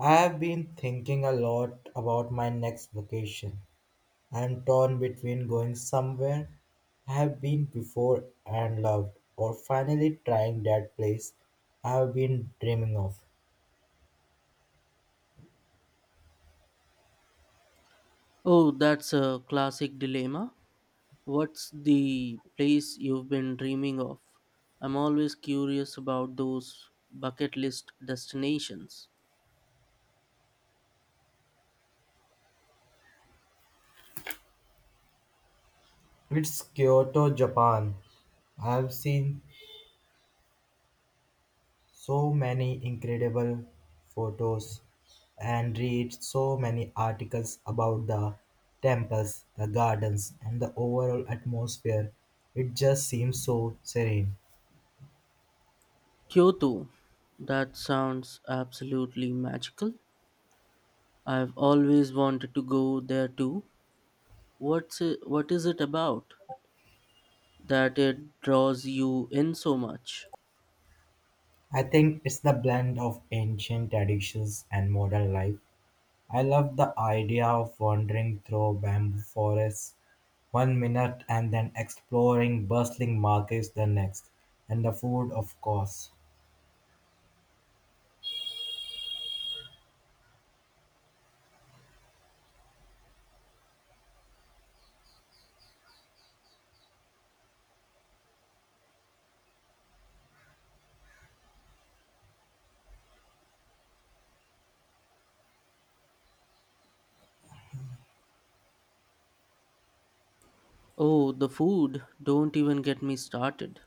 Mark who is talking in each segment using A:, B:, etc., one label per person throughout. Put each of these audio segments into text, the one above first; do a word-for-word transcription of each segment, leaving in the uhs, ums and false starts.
A: I've been thinking a lot about my next vacation. I'm torn between going somewhere I've been before and loved, or finally trying that place I've been dreaming of.
B: Oh, that's a classic dilemma. What's the place you've been dreaming of? I'm always curious about those bucket list destinations.
A: It's Kyoto, Japan. I've seen so many incredible photos and read so many articles about the temples, the gardens, and the overall atmosphere. It just seems so serene.
B: Kyoto. That sounds absolutely magical. I've always wanted to go there too. What's it, what is it about that it draws you in so much?
A: I think it's the blend of ancient traditions and modern life. I love the idea of wandering through bamboo forests one minute and then exploring bustling markets the next, and the food, of course.
B: Oh, the food. Don't even get me started.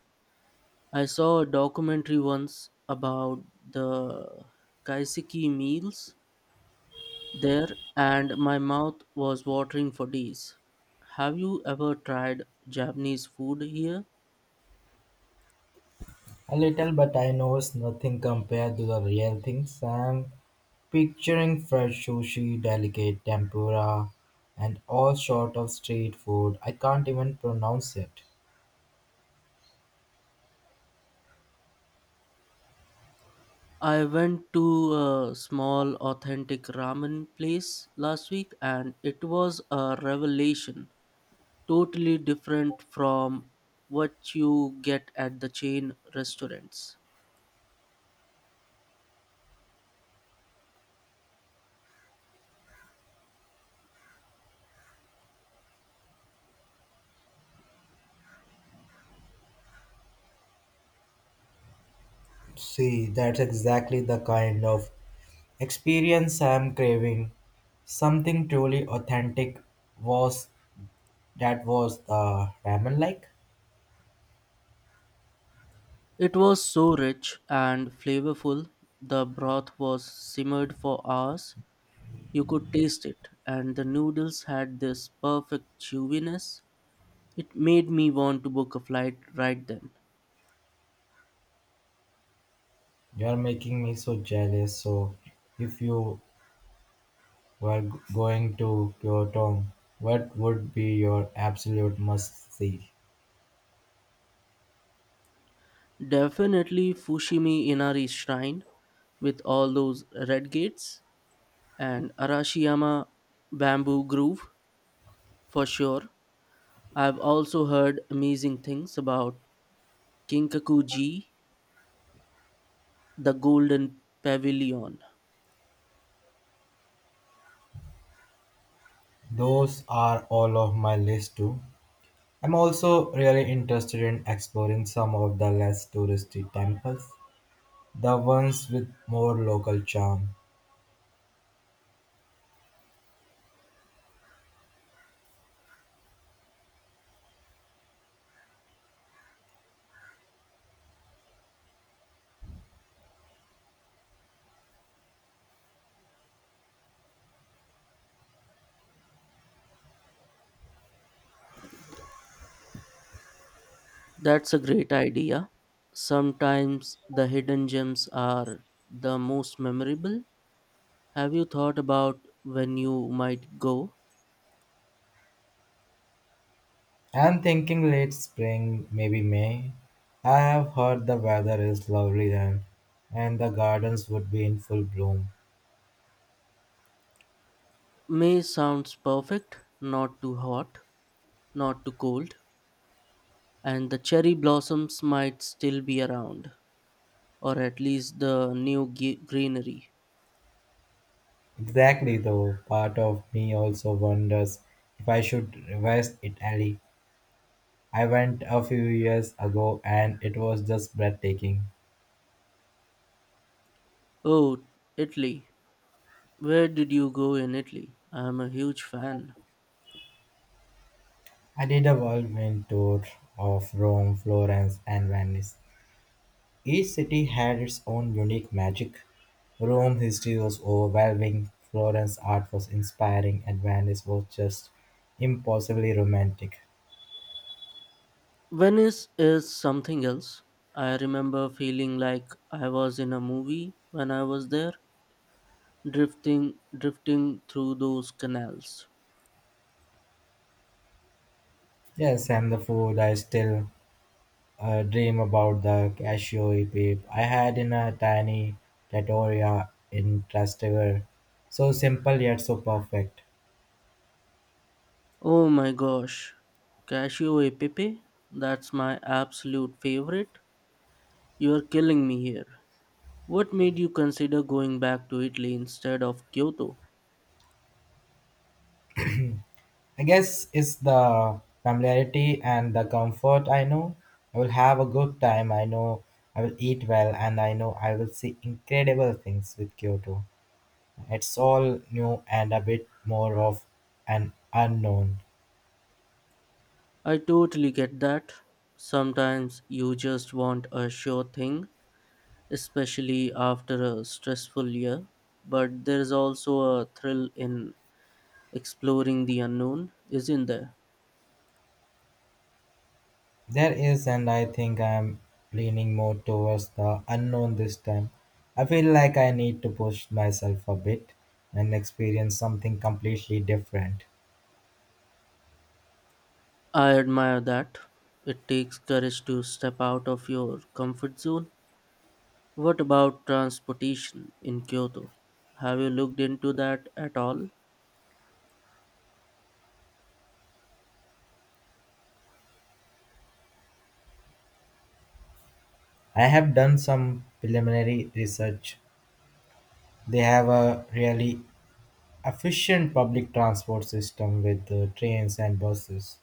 B: I saw a documentary once about the kaiseki meals there, and my mouth was watering for days. Have you ever tried Japanese food here?
A: A little, but I know it's nothing compared to the real things. I'm picturing fresh sushi, delicate tempura, and all sort of street food. I can't even pronounce it.
B: I went to a small authentic ramen place last week and it was a revelation. Totally different from what you get at the chain restaurants.
A: See, that's exactly the kind of experience I'm craving. Something truly authentic was that was the ramen like.
B: It was so rich and flavorful. The broth was simmered for hours. You could taste it, and the noodles had this perfect chewiness. It made me want to book a flight right then.
A: You're making me so jealous. So, if you were g- going to Kyoto, what would be your absolute must see?
B: Definitely Fushimi Inari Shrine with all those red gates and Arashiyama Bamboo Grove for sure. I've also heard amazing things about Kinkakuji, the Golden Pavilion.
A: Those are all of my list too. I'm also really interested in exploring some of the less touristy temples, the ones with more local charm.
B: That's a great idea. Sometimes the hidden gems are the most memorable. Have you thought about when you might go?
A: I'm thinking late spring, maybe May. I have heard the weather is lovely then, and the gardens would be in full bloom.
B: May sounds perfect, not too hot, not too cold, and the cherry blossoms might still be around, or at least the new ge- greenery.
A: Exactly, though, part of me also wonders if I should revise Italy. I went a few years ago and it was just breathtaking.
B: Oh, Italy. Where did you go in Italy? I am a huge fan.
A: I did a whirlwind tour of Rome, Florence, and Venice. Each city had its own unique magic. Rome's history was overwhelming, Florence's art was inspiring, and Venice was just impossibly romantic.
B: Venice is something else. I remember feeling like I was in a movie when I was there, drifting drifting through those canals.
A: Yes, and the food I still uh, dream about the cashew e peep I had in a tiny trattoria in Trastevere. So simple yet so perfect.
B: Oh my gosh. Casio e Pepe, that's my absolute favorite. You're killing me here. What made you consider going back to Italy instead of Kyoto?
A: I guess it's the familiarity and the comfort I know. I will have a good time. I know I will eat well and I know I will see incredible things with Kyoto. It's all new and a bit more of an unknown.
B: I totally get that. Sometimes you just want a sure thing especially after a stressful year. But there's also a thrill in exploring the unknown, isn't there?
A: There is, and I think I am leaning more towards the unknown this time. I feel like I need to push myself a bit and experience something completely different.
B: I admire that. It takes courage to step out of your comfort zone. What about transportation in Kyoto? Have you looked into that at all?
A: I have done some preliminary research. They have a really efficient public transport system with uh, trains and buses.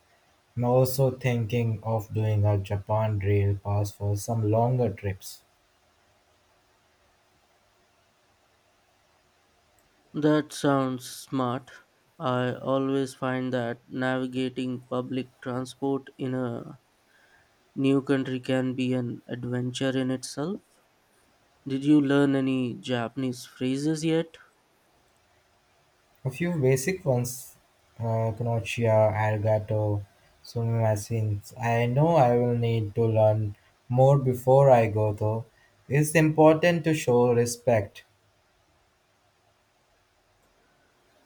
A: I'm also thinking of doing a Japan rail pass for some longer trips.
B: That sounds smart. I always find that navigating public transport in a new country can be an adventure in itself. Did you learn any Japanese phrases yet?
A: A few basic ones, uh, Konoha, Arigato, Sumimasen. I know I will need to learn more before I go though. It's important to show respect.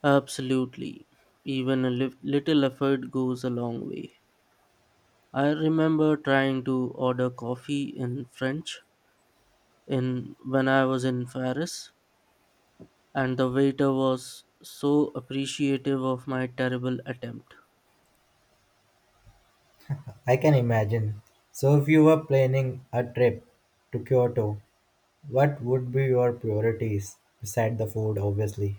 B: Absolutely. Even a lif- little effort goes a long way. I remember trying to order coffee in French in when I was in Paris, and the waiter was so appreciative of my terrible attempt.
A: I can imagine. So if you were planning a trip to Kyoto, what would be your priorities? Beside the food, obviously.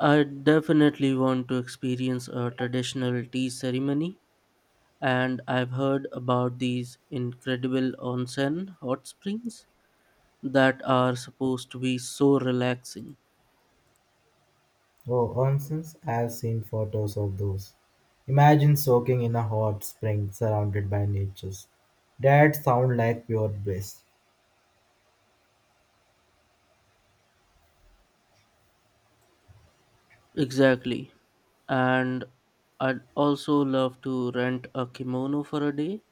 B: I definitely want to experience a traditional tea ceremony, and I've heard about these incredible onsen hot springs that are supposed to be so relaxing.
A: Oh, onsens, I've seen photos of those. Imagine soaking in a hot spring surrounded by natures. That sound like pure bliss.
B: Exactly. And I'd also love to rent a kimono for a day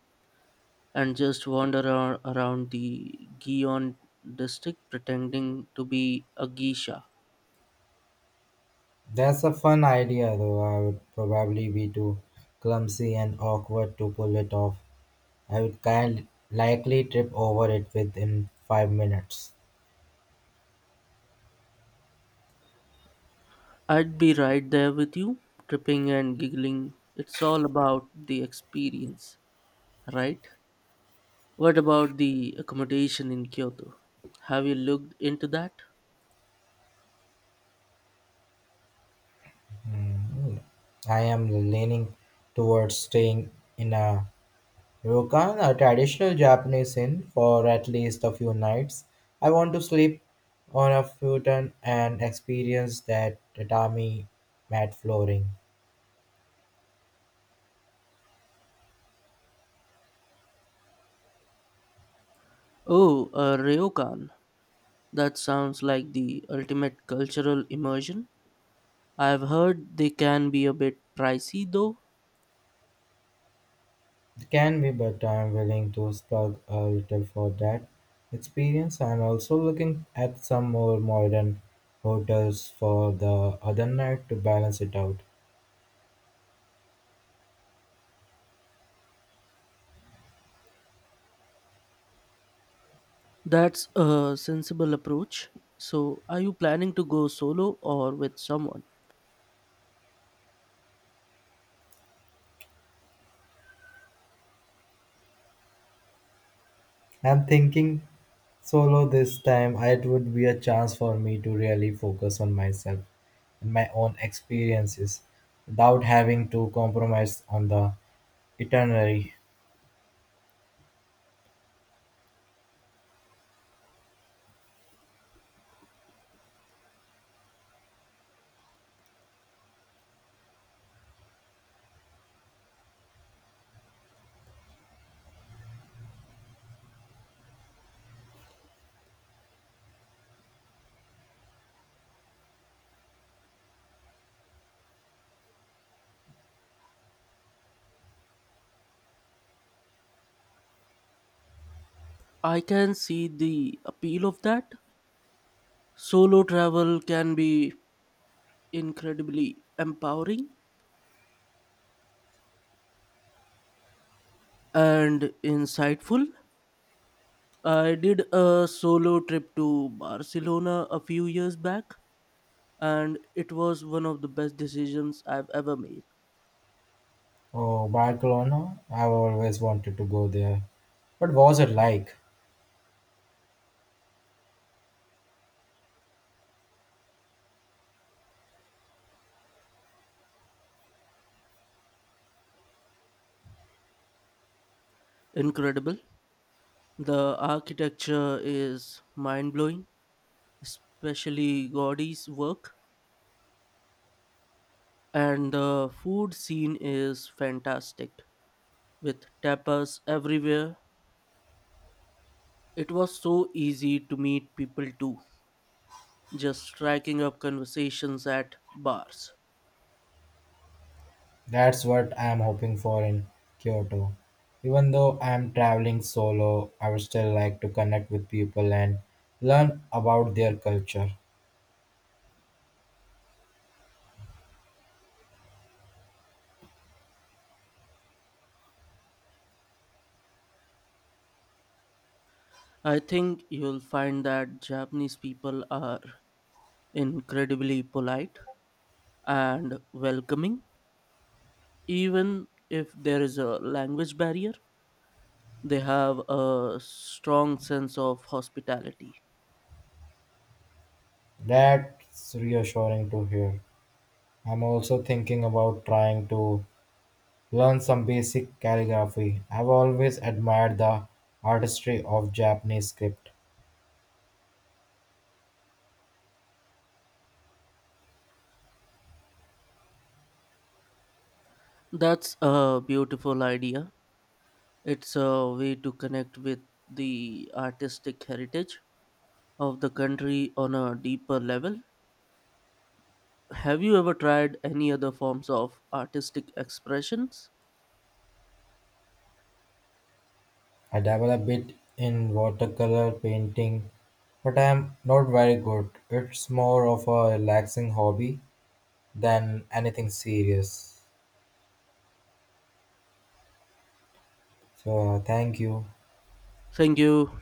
B: and just wander ar- around the Gion district pretending to be a geisha.
A: That's a fun idea though I would probably be too clumsy and awkward to pull it off. I would kind likely trip over it within five minutes.
B: I'd be right there with you, tripping and giggling. It's all about the experience, right? What about the accommodation in Kyoto? Have you looked into that?
A: I am leaning towards staying in a Ryokan, a traditional Japanese inn, for at least a few nights. I want to sleep on a futon and experience that tatami mat flooring.
B: Oh, uh, Ryokan. That sounds like the ultimate cultural immersion. I've heard they can be a bit pricey though.
A: It can be, but I'm willing to slug a little for that experience. I'm also looking at some more modern hotels for the other night to balance it out.
B: That's a sensible approach. So, are you planning to go solo or with someone?
A: I'm thinking solo this time. It would be a chance for me to really focus on myself and my own experiences without having to compromise on the itinerary.
B: I can see the appeal of that. Solo travel can be incredibly empowering and insightful. I did a solo trip to Barcelona a few years back, and it was one of the best decisions I've ever made.
A: Oh, Barcelona, I've always wanted to go there. What was it like?
B: Incredible. The architecture is mind blowing, especially Gaudi's work. And the food scene is fantastic, with tapas everywhere. It was so easy to meet people too, just striking up conversations at bars.
A: That's what I'm hoping for in Kyoto. Even though I'm traveling solo, I would still like to connect with people and learn about their culture.
B: I think you'll find that Japanese people are incredibly polite and welcoming, even if there is a language barrier. They have a strong sense of hospitality.
A: That's reassuring to hear. I'm also thinking about trying to learn some basic calligraphy. I've always admired the artistry of Japanese script.
B: That's a beautiful idea. It's a way to connect with the artistic heritage of the country on a deeper level. Have you ever tried any other forms of artistic expressions?
A: I dabble a bit in watercolor painting, but I'm not very good. It's more of a relaxing hobby than anything serious. So, uh, thank you.
B: Thank you.